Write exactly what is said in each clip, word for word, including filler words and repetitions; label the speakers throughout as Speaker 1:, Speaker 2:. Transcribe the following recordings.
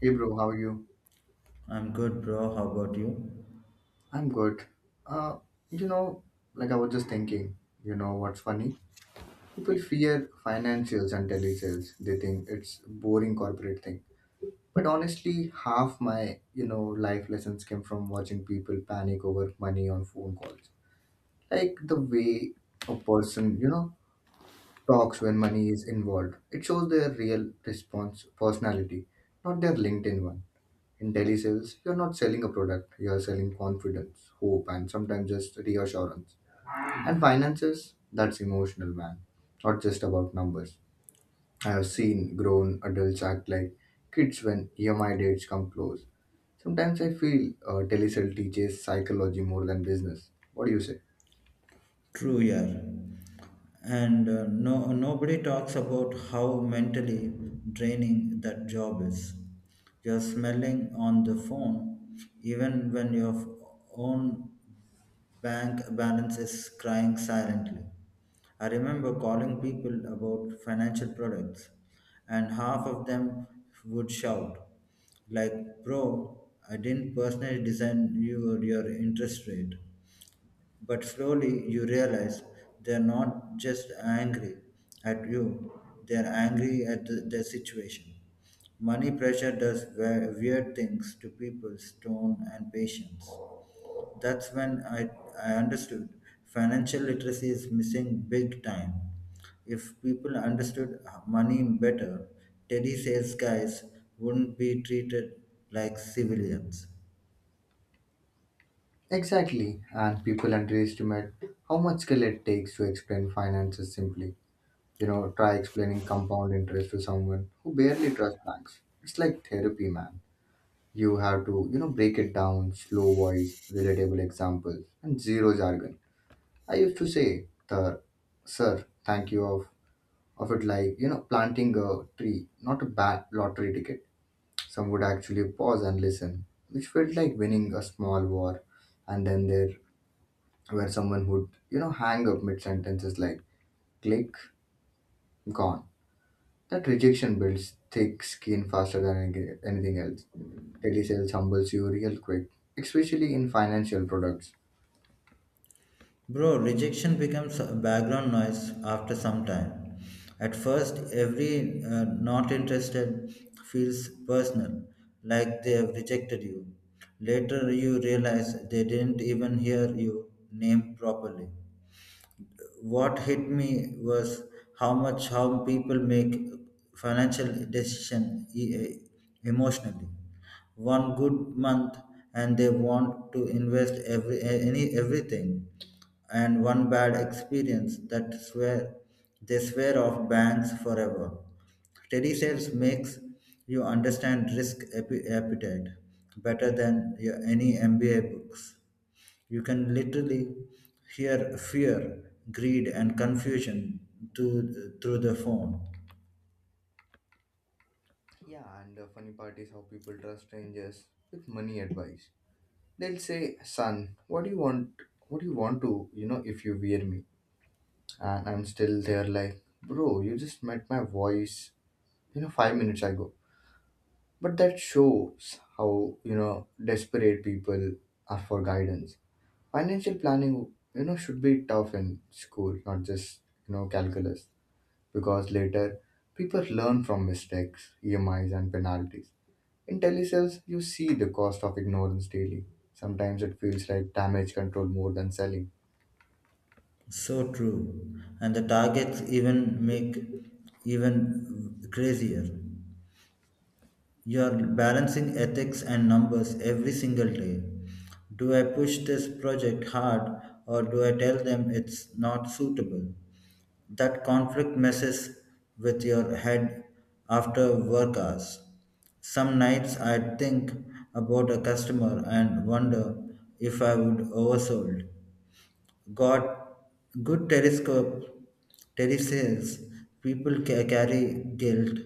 Speaker 1: Hey bro, how are you?
Speaker 2: I'm good, bro. How about you?
Speaker 1: I'm good. Uh, you know, like I was just thinking, you know what's funny? People fear financials and telesales. They think it's boring corporate thing. But honestly, half my, you know, life lessons came from watching people panic over money on phone calls. Like the way a person, you know, talks when money is involved. It shows their real response personality, not their LinkedIn one. In telesales, you're not selling a product, you're selling confidence, hope, and sometimes just reassurance. And finances, that's emotional, man. Not just about numbers. I have seen grown adults act like kids when E M I dates come close. Sometimes I feel uh, telesale teaches psychology more than business. What do you say?
Speaker 2: True, yeah. And uh, no, Nobody talks about how mentally draining that job is. You're smelling on the phone, even when your f- own bank balance is crying silently. I remember calling people about financial products, and half of them would shout, like, bro, I didn't personally design your, your interest rate. But slowly you realize they're not just angry at you, they're angry at the, their situation. Money pressure does we- weird things to people's tone and patience. That's when I, I understood financial literacy is missing big time. If people understood money better, Teddy sales guys wouldn't be treated like civilians.
Speaker 1: Exactly, and people underestimate how much skill it takes to explain finances simply. You know, try explaining compound interest to someone who barely trusts banks. It's like therapy, man. You have to, you know, break it down, slow voice, relatable examples, and zero jargon. I used to say the sir, thank you of of it like, you know, planting a tree, not a bad lottery ticket. Some would actually pause and listen, which felt like winning a small war. And then there were someone would, you know, hang up mid sentences like click, gone. That rejection builds thick skin faster than any- anything else. Telesells humbles you real quick, especially in financial products.
Speaker 2: Bro, rejection becomes background noise after some time. At first, every uh, not interested feels personal, like they have rejected you. Later, you realize they didn't even hear you name properly. What hit me was how much how people make financial decision e- e, emotionally. One good month and they want to invest every a- any everything, and one bad experience that swear they swear off banks forever. Steady sales makes you understand risk appe- appetite better than your, any M B A books. You can literally hear fear, greed, and confusion to, through the phone.
Speaker 1: Yeah, and the funny part is how people trust strangers with money advice. They'll say, "Son, what do you want? What do you want to? You know, if you wear me?" And I'm still there, like, "Bro, you just met my voice. You know, five minutes ago." But that shows how you know desperate people are for guidance. Financial planning, you know, should be tough in school, not just you know calculus. Because later people learn from mistakes, E M Is, and penalties. In telesales, you see the cost of ignorance daily. Sometimes it feels like damage control more than selling.
Speaker 2: So true. And the targets even make even crazier. You are balancing ethics and numbers every single day. Do I push this project hard, or do I tell them it's not suitable? That conflict messes with your head after work hours. Some nights I think about a customer and wonder if I would oversold, got good telescope telesales people ca- carry guilt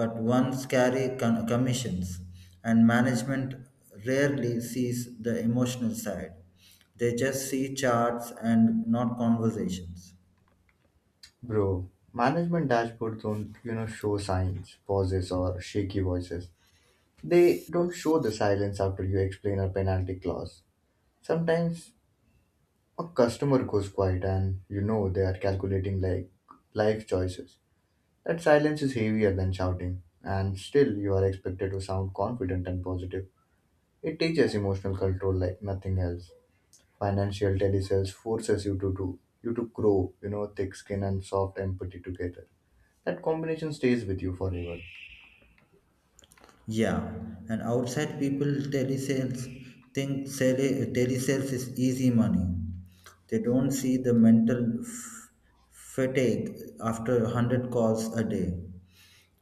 Speaker 2: but ones carry con- commissions, and management rarely sees the emotional side. They just see charts and not conversations.
Speaker 1: Bro, management dashboards don't, you know, show signs, pauses, or shaky voices. They don't show the silence after you explain a penalty clause. Sometimes a customer goes quiet and you know they are calculating like life choices. That silence is heavier than shouting, and still you are expected to sound confident and positive. It teaches emotional control like nothing else. Financial telesales forces you to do you to grow, you know, thick skin and soft empathy together. That combination stays with you forever.
Speaker 2: Yeah, and outside people telesales think sale, telesales is easy money. They don't see the mental f- fatigue after one hundred calls a day.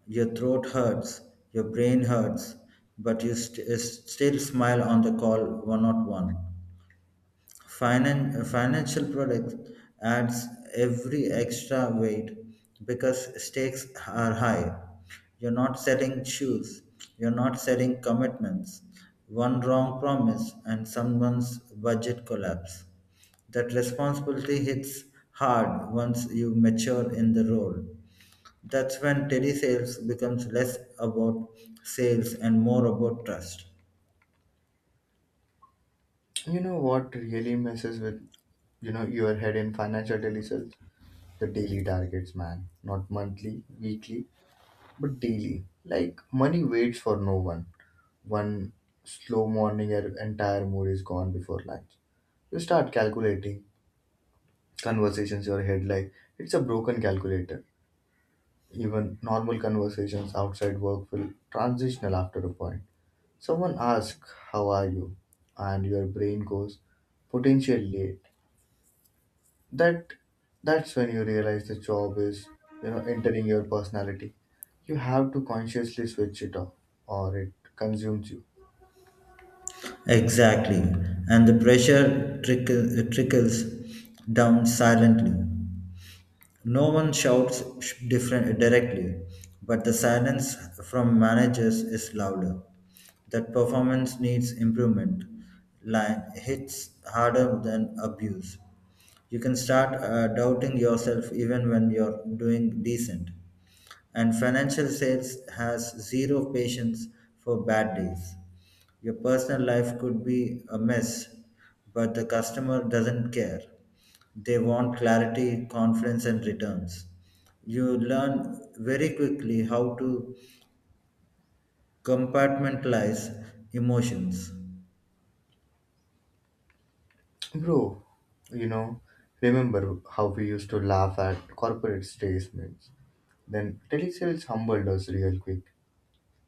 Speaker 2: Your throat hurts, your brain hurts, but you st- still smile on the call one oh one. Finan- financial product adds every extra weight because stakes are high. You're not selling shoes, you're not selling commitments. One wrong promise and someone's budget collapse. That responsibility hits hard once you mature in the role. That's when telesales becomes less about sales and more about trust.
Speaker 1: You know what really messes with you know your head in financial telesales? The daily targets, man. Not monthly, weekly, but daily. Like money waits for no one. One slow morning, your entire mood is gone before lunch. You start calculating conversations in your head like it's a broken calculator. Even normal conversations outside work feel transitional after a point. Someone asks, "How are you?" And your brain goes, "Potential late." That that's when you realize the job is, you know, entering your personality. You have to consciously switch it off or it consumes you.
Speaker 2: Exactly. And the pressure trickle, trickles down silently. No one shouts sh- different, directly, but the silence from managers is louder. That performance needs improvement line hits harder than abuse. You can start uh, doubting yourself even when you're doing decent. And financial sales has zero patience for bad days. Your personal life could be a mess, but the customer doesn't care. They want clarity, confidence, and returns. You learn very quickly how to compartmentalize emotions.
Speaker 1: Bro, you know, remember how we used to laugh at corporate statements. Then telesales humbled us real quick.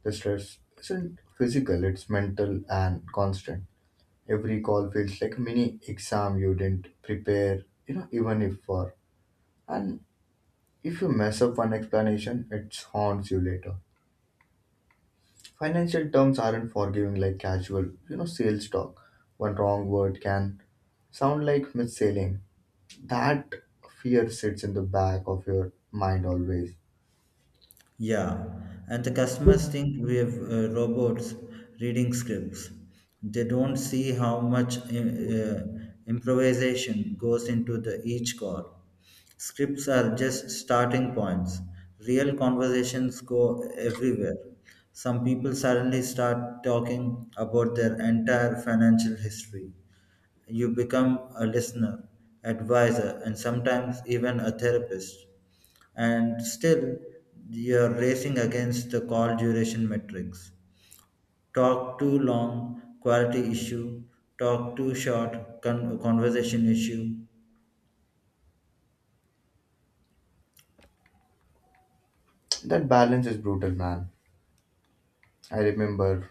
Speaker 1: The stress isn't physical, it's mental and constant. Every call feels like a mini exam you didn't prepare, you know, even if for. And if you mess up one explanation, it haunts you later. Financial terms aren't forgiving like casual, you know, sales talk. One wrong word can sound like mis-selling. That fear sits in the back of your mind always.
Speaker 2: Yeah, and the customers think we have uh, robots reading scripts. They don't see how much uh, uh, improvisation goes into the each call. Scripts are just starting points. Real conversations go everywhere. Some people suddenly start talking about their entire financial history. You become a listener, advisor, and sometimes even a therapist. And still, you're racing against the call duration metrics. Talk too long, quality issue. Talk too short, con- conversation issue.
Speaker 1: That balance is brutal, man. I remember,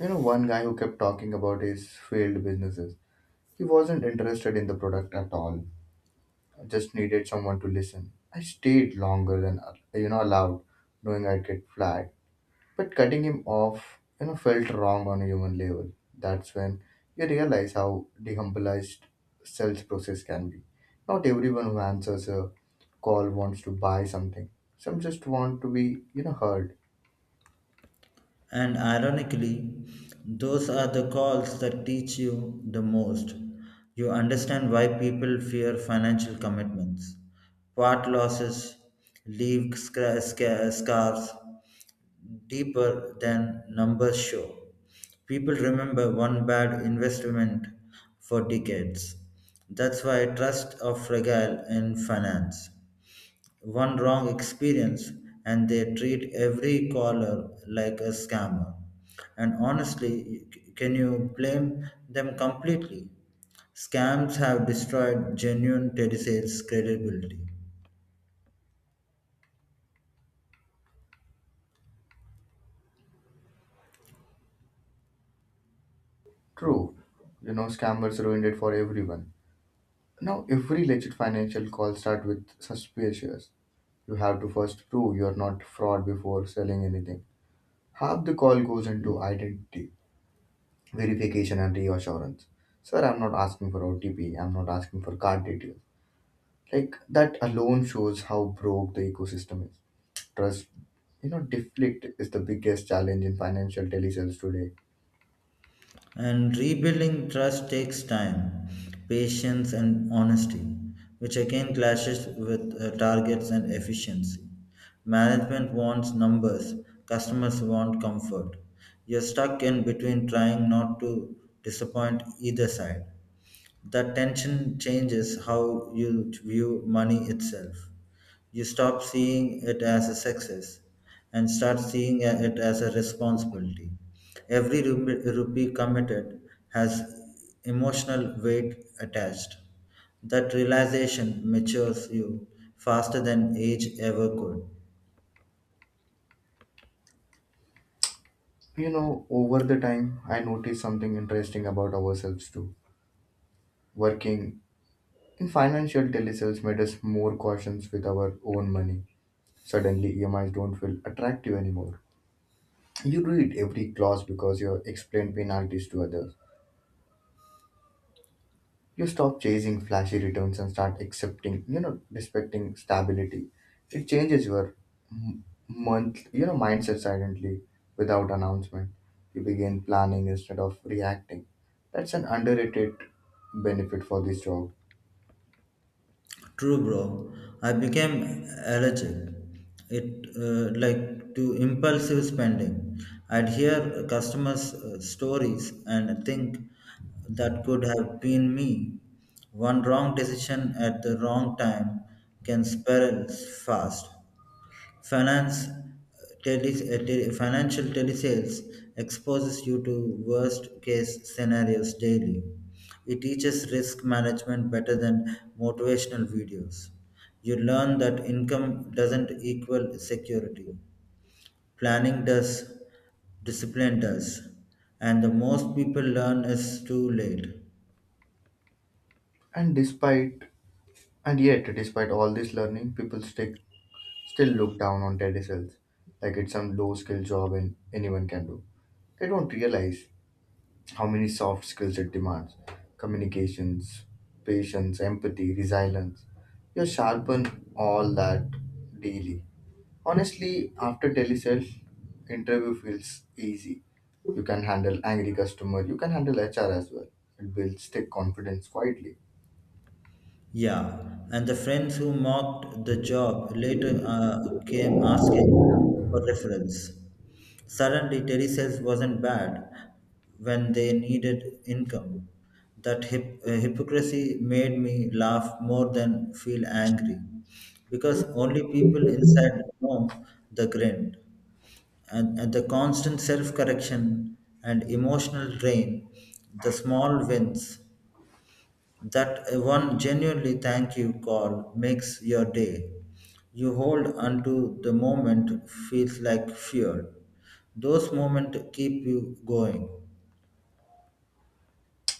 Speaker 1: you know, one guy who kept talking about his failed businesses. He wasn't interested in the product at all. I just needed someone to listen. I stayed longer than uh, you know allowed, knowing I'd get flagged. But cutting him off, you know, felt wrong on a human level. That's when you realize how dehumanized sales process can be. Not everyone who answers a call wants to buy something. Some just want to be, you know, heard.
Speaker 2: And ironically, those are the calls that teach you the most. You understand why people fear financial commitments, part losses, leave scra- sca- scars, deeper than numbers show. People remember one bad investment for decades. That's why trusts are fragile in finance. One wrong experience, and they treat every caller like a scammer. And honestly, c- can you blame them completely? Scams have destroyed genuine telesales credibility.
Speaker 1: True. You know, scammers ruined it for everyone. Now, every legit financial call starts with suspicious. You have to first prove you're not fraud before selling anything. Half the call goes into identity, verification, and reassurance. Sir, I'm not asking for O T P, I'm not asking for card details. Like, that alone shows how broke the ecosystem is. Trust, you know, deflect is the biggest challenge in financial telesales today.
Speaker 2: And rebuilding trust takes time, patience, and honesty, which again clashes with uh, targets and efficiency. Management wants numbers, customers want comfort. You're stuck in between trying not to disappoint either side. That tension changes how you view money itself. You stop seeing it as a success and start seeing it as a responsibility. Every rupi- rupee committed has emotional weight attached. That realization matures you faster than age ever could.
Speaker 1: You know, over the time, I noticed something interesting about ourselves too. Working and financial telesales made us more cautious with our own money. Suddenly, E M Is don't feel attractive anymore. You read every clause because you explain penalties to others. You stop chasing flashy returns and start accepting, you know, respecting stability. It changes your m- month, you know, mindset silently without announcement. You begin planning instead of reacting. That's an underrated benefit for this job.
Speaker 2: True, bro. I became allergic It uh, like to impulsive spending. I'd hear customers' uh, stories and think that could have been me. One wrong decision at the wrong time can spiral fast. Finance, uh, tele, uh, tele, financial telesales exposes you to worst case scenarios daily. It teaches risk management better than motivational videos. You learn that income doesn't equal security. Planning does, discipline does, and the most people learn is too late.
Speaker 1: And despite, and yet, despite all this learning, people stick still look down on telesales like it's some low skill job and anyone can do. They don't realize how many soft skills it demands communications, patience, empathy, resilience. You sharpen all that daily. Honestly, after telesales, interview feels easy. You can handle angry customer, you can handle H R as well. It builds thick confidence quietly.
Speaker 2: Yeah, and the friends who mocked the job later uh, came asking for referrals. Suddenly, telesales wasn't bad when they needed income. That hip, uh, hypocrisy made me laugh more than feel angry because only people inside know the grind. And, and the constant self correction and emotional drain, the small wins, that one genuinely thank you call makes your day. You hold onto the moment feels like fuel. Those moments keep you going.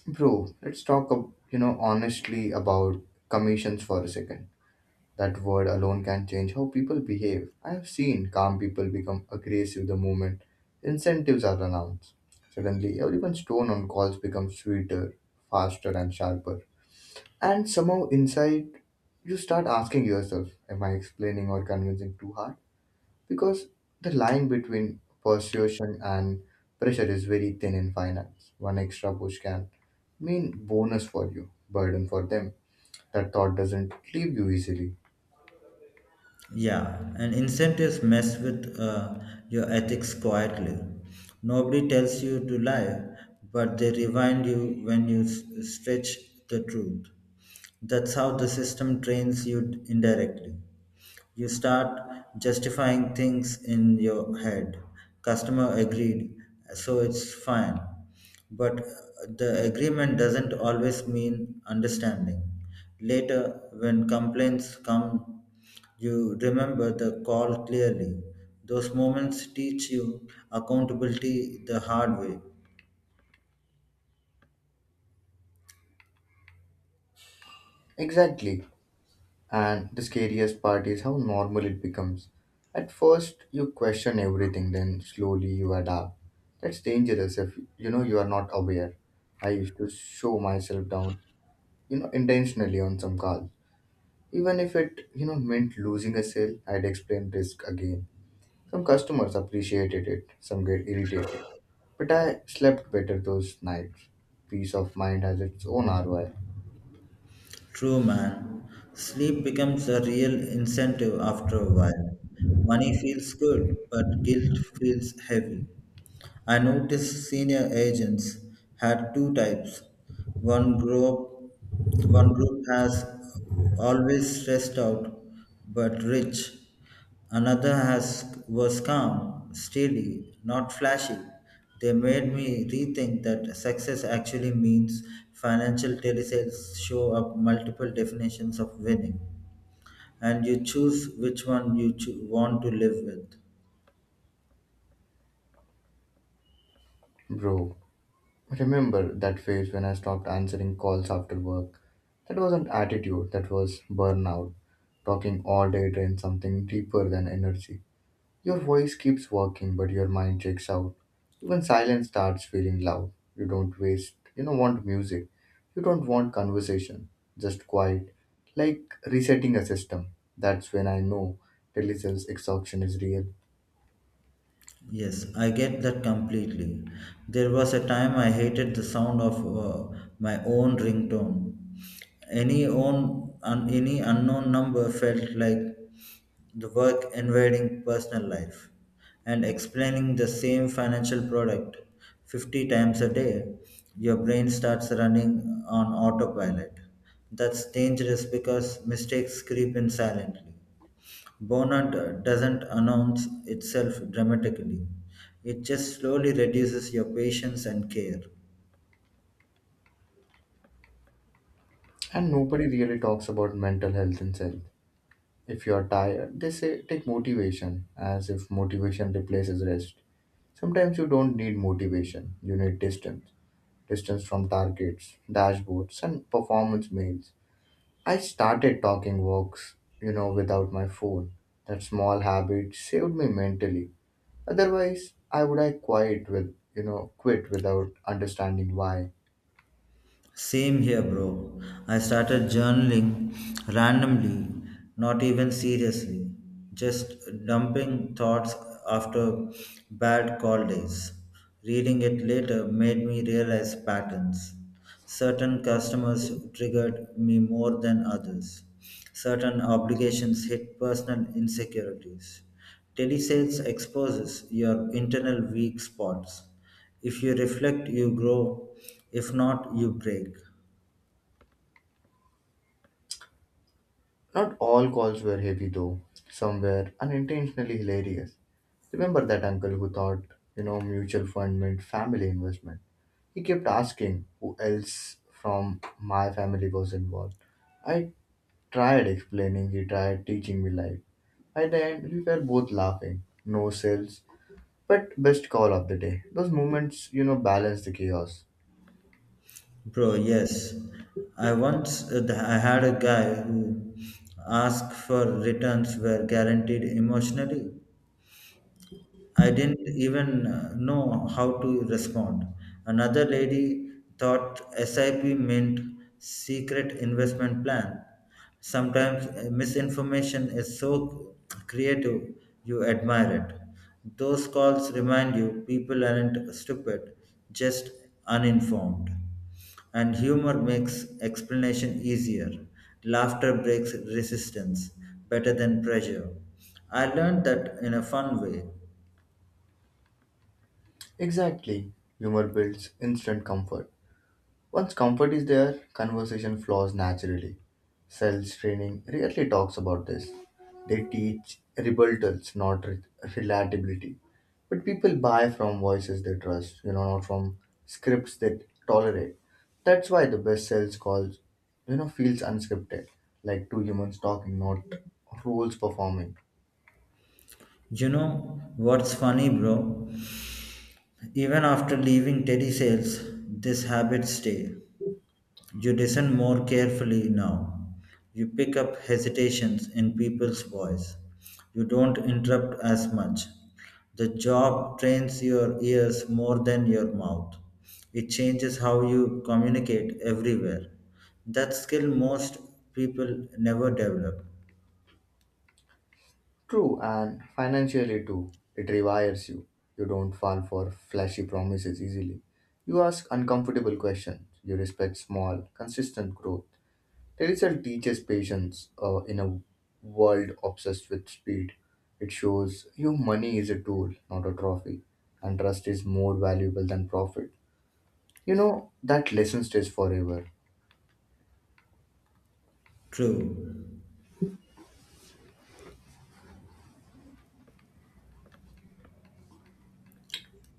Speaker 1: Bro, let's talk, ab- you know, honestly about commissions for a second. That word alone can change how people behave. I have seen calm people become aggressive the moment incentives are announced. Suddenly, everyone's tone on calls becomes sweeter, faster, and sharper. And somehow, inside, you start asking yourself, "Am I explaining or convincing too hard?" Because the line between persuasion and pressure is very thin in finance. One extra push can mean bonus for you, burden for them. That thought doesn't leave you easily.
Speaker 2: Yeah, and incentives mess with uh, your ethics quietly. Nobody tells you to lie, but they remind you when you s- stretch the truth. That's how the system trains you indirectly. You start justifying things in your head. Customer agreed, so it's fine. But the agreement doesn't always mean understanding. Later, when complaints come, you remember the call clearly. Those moments teach you accountability the hard way.
Speaker 1: Exactly. And the scariest part is how normal it becomes. At first, you question everything, then slowly you adapt. That's dangerous if you know you are not aware. I used to show myself down, you know, intentionally on some calls. Even if it, you know, meant losing a sale, I'd explain risk again. Some customers appreciated it, some get irritated. But I slept better those nights. Peace of mind has its own R O I.
Speaker 2: True, man. Sleep becomes a real incentive after a while. Money feels good, but guilt feels heavy. I noticed senior agents had two types. One group, One group has always stressed out but rich. Another has was calm, steady, not flashy. They made me rethink that success actually means financial telesales show up multiple definitions of winning, and you choose which one you cho- want to live with.
Speaker 1: Bro, remember that phase when I stopped answering calls after work? That wasn't attitude, that was burnout. Talking all day drains something deeper than energy. Your voice keeps working, but your mind checks out. Even silence starts feeling loud. You don't waste, you don't want music. You don't want conversation, just quiet. Like resetting a system. That's when I know telesales exhaustion is real.
Speaker 2: Yes, I get that completely. There was a time I hated the sound of uh, my own ringtone. Any own un, any unknown number felt like the work invading personal life and explaining the same financial product fifty times a day. Your brain starts running on autopilot. That's dangerous because mistakes creep in silently. Burnout doesn't announce itself dramatically, it just slowly reduces your patience and care.
Speaker 1: And nobody really talks about mental health and self. If you are tired, they say take motivation, as if motivation replaces rest. Sometimes you don't need motivation, you need distance. Distance from targets, dashboards, and performance mails. I started talking walks, you know, without my phone. That small habit saved me mentally. Otherwise, I would I quit with, you know, quit without understanding why.
Speaker 2: Same here, bro. I started journaling randomly, not even seriously, just dumping thoughts after bad call days. Reading it later made me realize patterns. Certain customers triggered me more than others. Certain obligations hit personal insecurities. Telesales exposes your internal weak spots. If you reflect, you grow. If not, you break.
Speaker 1: Not all calls were heavy, though. Some were unintentionally hilarious. Remember that uncle who thought, you know, mutual fund meant family investment? He kept asking who else from my family was involved. I tried explaining, he tried teaching me life. At the end, we were both laughing. No sales, but best call of the day. Those moments, you know, balance the chaos.
Speaker 2: Bro, yes. I once uh, th- I had a guy who asked for returns were guaranteed emotionally. I didn't even uh, know how to respond. Another lady thought S I P meant secret investment plan. Sometimes uh, misinformation is so creative, you admire it. Those calls remind you people aren't stupid, just uninformed. And humor makes explanation easier. Laughter breaks resistance better than pressure. I learned that in a fun way.
Speaker 1: Exactly. Humor builds instant comfort. Once comfort is there, conversation flows naturally. Sales training rarely talks about this. They teach rebuttals, not re- relatability. But people buy from voices they trust, you know, not from scripts they tolerate. That's why the best sales calls, you know, feels unscripted, like two humans talking, not roles performing.
Speaker 2: You know what's funny, bro? Even after leaving Teddy Sales, this habit stay. You listen more carefully now. You pick up hesitations in people's voice. You don't interrupt as much. The job trains your ears more than your mouth. It changes how you communicate everywhere. That skill most people never develop.
Speaker 1: True, and financially too. It rewires you. You don't fall for flashy promises easily. You ask uncomfortable questions. You respect small, consistent growth. The result teaches patience uh, in a world obsessed with speed. It shows you money is a tool, not a trophy, and trust is more valuable than profit. You know, that lesson stays forever.
Speaker 2: True.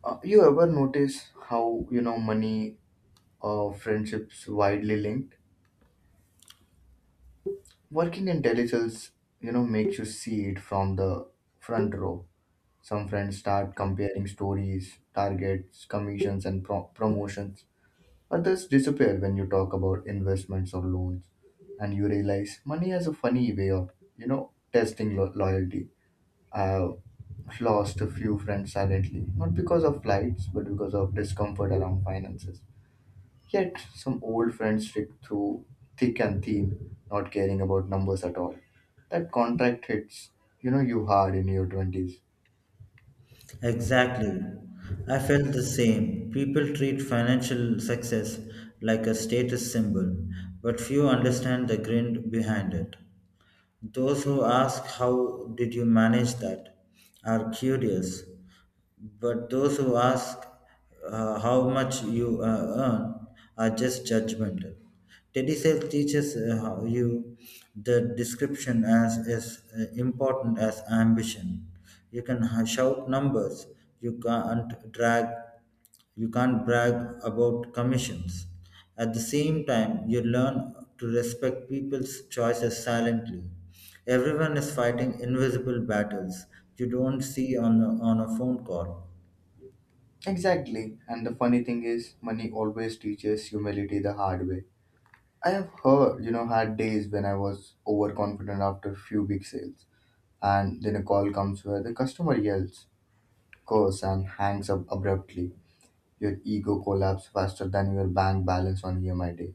Speaker 1: Uh, you ever notice how, you know, money or friendships widely linked? Working intelligence you know makes you see it from the front row. Some friends start comparing stories targets commissions and pro- promotions. Others disappear when you talk about investments or loans, and you realize money has a funny way of you know testing lo- loyalty. I've lost a few friends silently not because of flights but because of discomfort around finances. Yet, some old friends stick through thick and thin, not caring about numbers at all. That contract hits, you know, you hard in your twenties.
Speaker 2: Exactly. I felt the same. People treat financial success like a status symbol, but few understand the grin behind it. Those who ask, how did you manage that? Are curious, but those who ask uh, how much you uh, earn are just judgmental. Teddy telesales teaches uh, how you the description as is uh, important as ambition. You can ha- shout numbers, you can't drag you can't brag about commissions. At the same time, you learn to respect people's choices silently. Everyone is fighting invisible battles you don't see on a, on a phone call.
Speaker 1: Exactly. And the funny thing is, money always teaches humility the hard way. I have heard, you know, had days when I was overconfident after a few big sales. And then a call comes where the customer yells, curse, and hangs up abruptly. Your ego collapses faster than your bank balance on E M I day.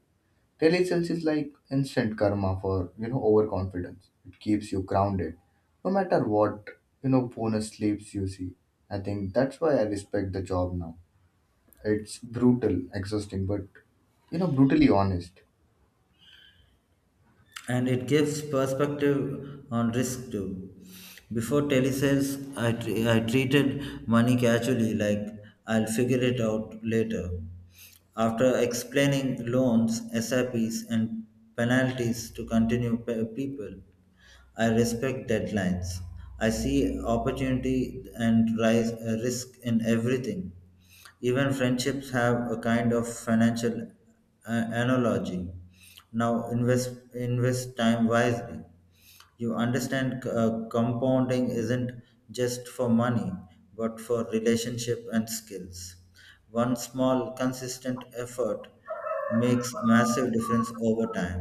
Speaker 1: Telesales is like instant karma for you know overconfidence. It keeps you grounded, no matter what you know bonus sleeps you see. I think that's why I respect the job now. It's brutal, exhausting, but you know brutally honest.
Speaker 2: And it gives perspective on risk too. Before telesales, I, tre- I treated money casually, like I'll figure it out later. After explaining loans, S I Ps, and penalties to continue pe- people, I respect deadlines. I see opportunity and rise, uh, risk in everything. Even friendships have a kind of financial uh, analogy. Now invest Invest time wisely. You understand uh, compounding isn't just for money, but for relationship and skills. One small consistent effort makes massive difference over time.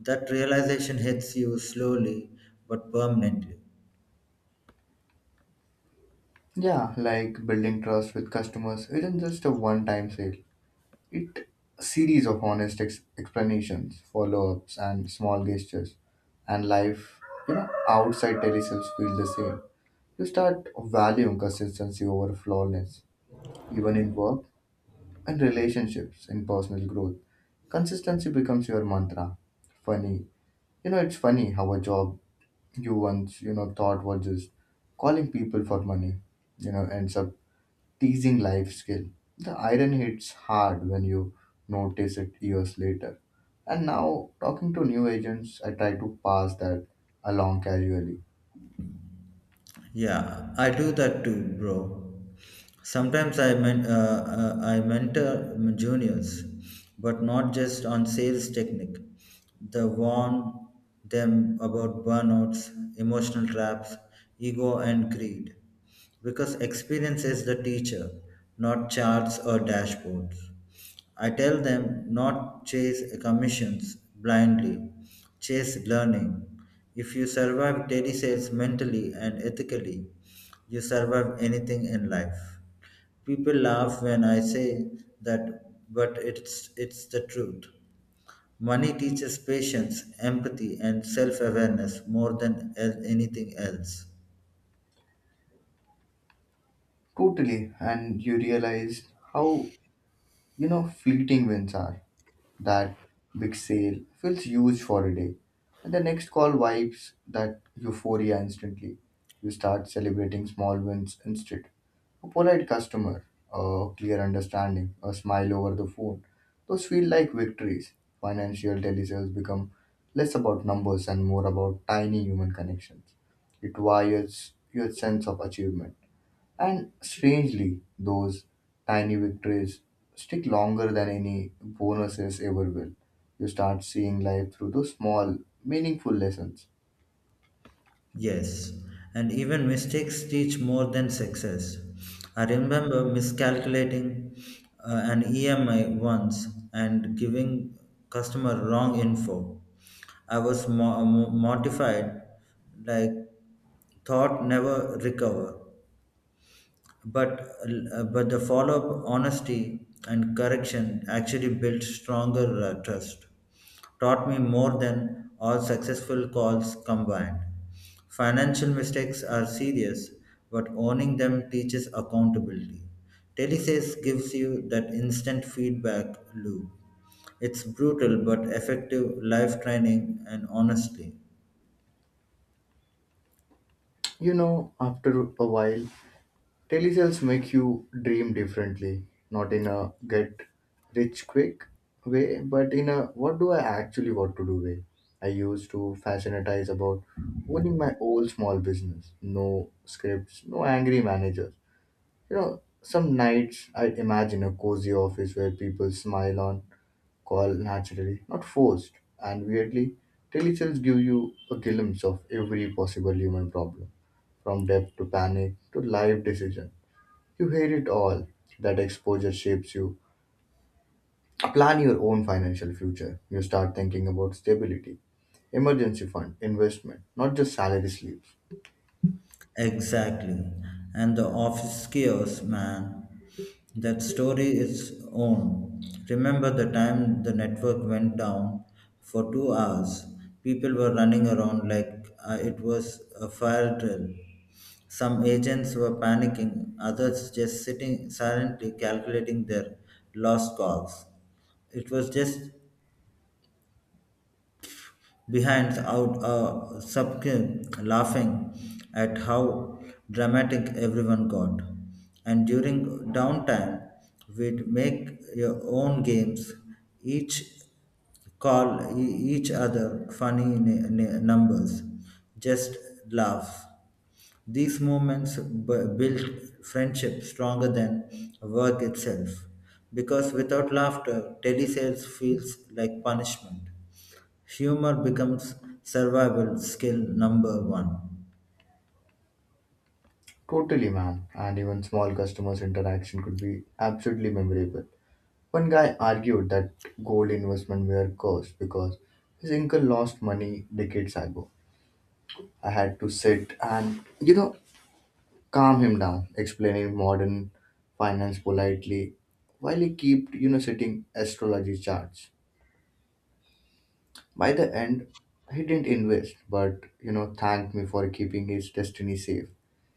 Speaker 2: That realization hits you slowly but permanently.
Speaker 1: Yeah, like building trust with customers isn't just a one-time sale. It a series of honest ex- explanations, follow-ups, and small gestures, and life you know outside telesales feel the same. You start valuing consistency over flawlessness, even in work and relationships, in personal growth. Consistency becomes your mantra. Funny. You know, it's funny how a job you once, you know, thought was just calling people for money, you know, ends up teasing life skill. The iron hits hard when you notice it years later. And now, talking to new agents, I try to pass that along casually.
Speaker 2: Yeah, I do that too, bro. Sometimes I men- uh, uh, I mentor juniors, but not just on sales technique. The warn them about burnouts, emotional traps, ego, and greed, because experience is the teacher, not charts or dashboards. I tell them not chase commissions blindly, chase learning. If you survive daily sales mentally and ethically, you survive anything in life. People laugh when I say that, but it's it's the truth. Money teaches patience, empathy, and self-awareness more than el- anything else.
Speaker 1: Totally. And you realize how you know, fleeting wins are. That big sale feels huge for a day, and the next call wipes that euphoria instantly. You start celebrating small wins instead. A polite customer, a clear understanding, a smile over the phone. Those feel like victories. Financial telesales become less about numbers and more about tiny human connections. It wires your sense of achievement. And strangely, those tiny victories stick longer than any bonuses ever will. You start seeing life through those small, meaningful lessons.
Speaker 2: Yes, and even mistakes teach more than success. I remember miscalculating uh, an E M I once and giving customer wrong info. I was mo- mo- mortified, like thought never recover, but uh, but the follow up honesty and correction actually built stronger uh, trust, taught me more than all successful calls combined. Financial mistakes are serious, but owning them teaches accountability. Telesales gives you that instant feedback loop. It's brutal but effective life training. And honestly,
Speaker 1: You know, after a while, telesales make you dream differently, not in a get rich quick way, but in a what do I actually want to do way. I used to fascinatize about owning my old small business. No scripts, no angry manager. You know, some nights I imagine a cozy office where people smile on call naturally, not forced. And weirdly, telesales give you a glimpse of every possible human problem, from debt to panic to life decision. You hear it all. That exposure shapes you. Plan your own financial future. You start thinking about stability, emergency fund, investment, not just salary slips.
Speaker 2: exactly. And the office chaos, man. That story is own. Remember the time the network went down for two hours? People were running around like uh, it was a fire drill. Some agents were panicking, others just sitting silently calculating their lost calls. It was just behind out a Sapke laughing at how dramatic everyone got. And during downtime, we'd make your own games, each call e- each other funny n- n- numbers, just laugh. These moments b- built friendship stronger than work itself, because without laughter, telesales feels like punishment. Humor becomes survival skill number one.
Speaker 1: Totally, man. And even small customers' interaction could be absolutely memorable. One guy argued that gold investment were cursed because his uncle lost money decades ago. I had to sit and, you know, calm him down, explaining modern finance politely while he kept, you know, sitting astrology charts. By the end, he didn't invest, but, you know, thanked me for keeping his destiny safe.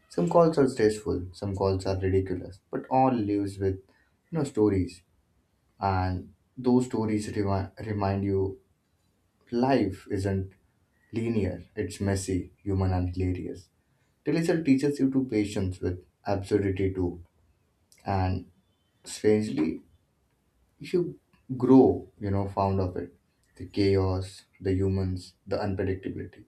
Speaker 1: Some calls are stressful, some calls are ridiculous, but all lives with, you know, stories. And those stories remi- remind you life isn't linear, it's messy, human, and hilarious. Television teaches you to patience with absurdity too, and strangely, you grow, you know, fond of it. The chaos, the humans, the unpredictability.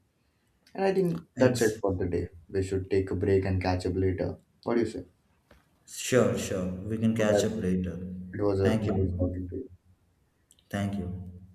Speaker 1: And I think that's it
Speaker 2: X.
Speaker 1: for the day. We should take a break and catch up later. What do you say?
Speaker 2: Sure, sure. We can catch up
Speaker 1: Bye-bye.
Speaker 2: later.
Speaker 1: It was a
Speaker 2: Thank you,
Speaker 1: nice
Speaker 2: bro.
Speaker 1: talking to you.
Speaker 2: Thank you.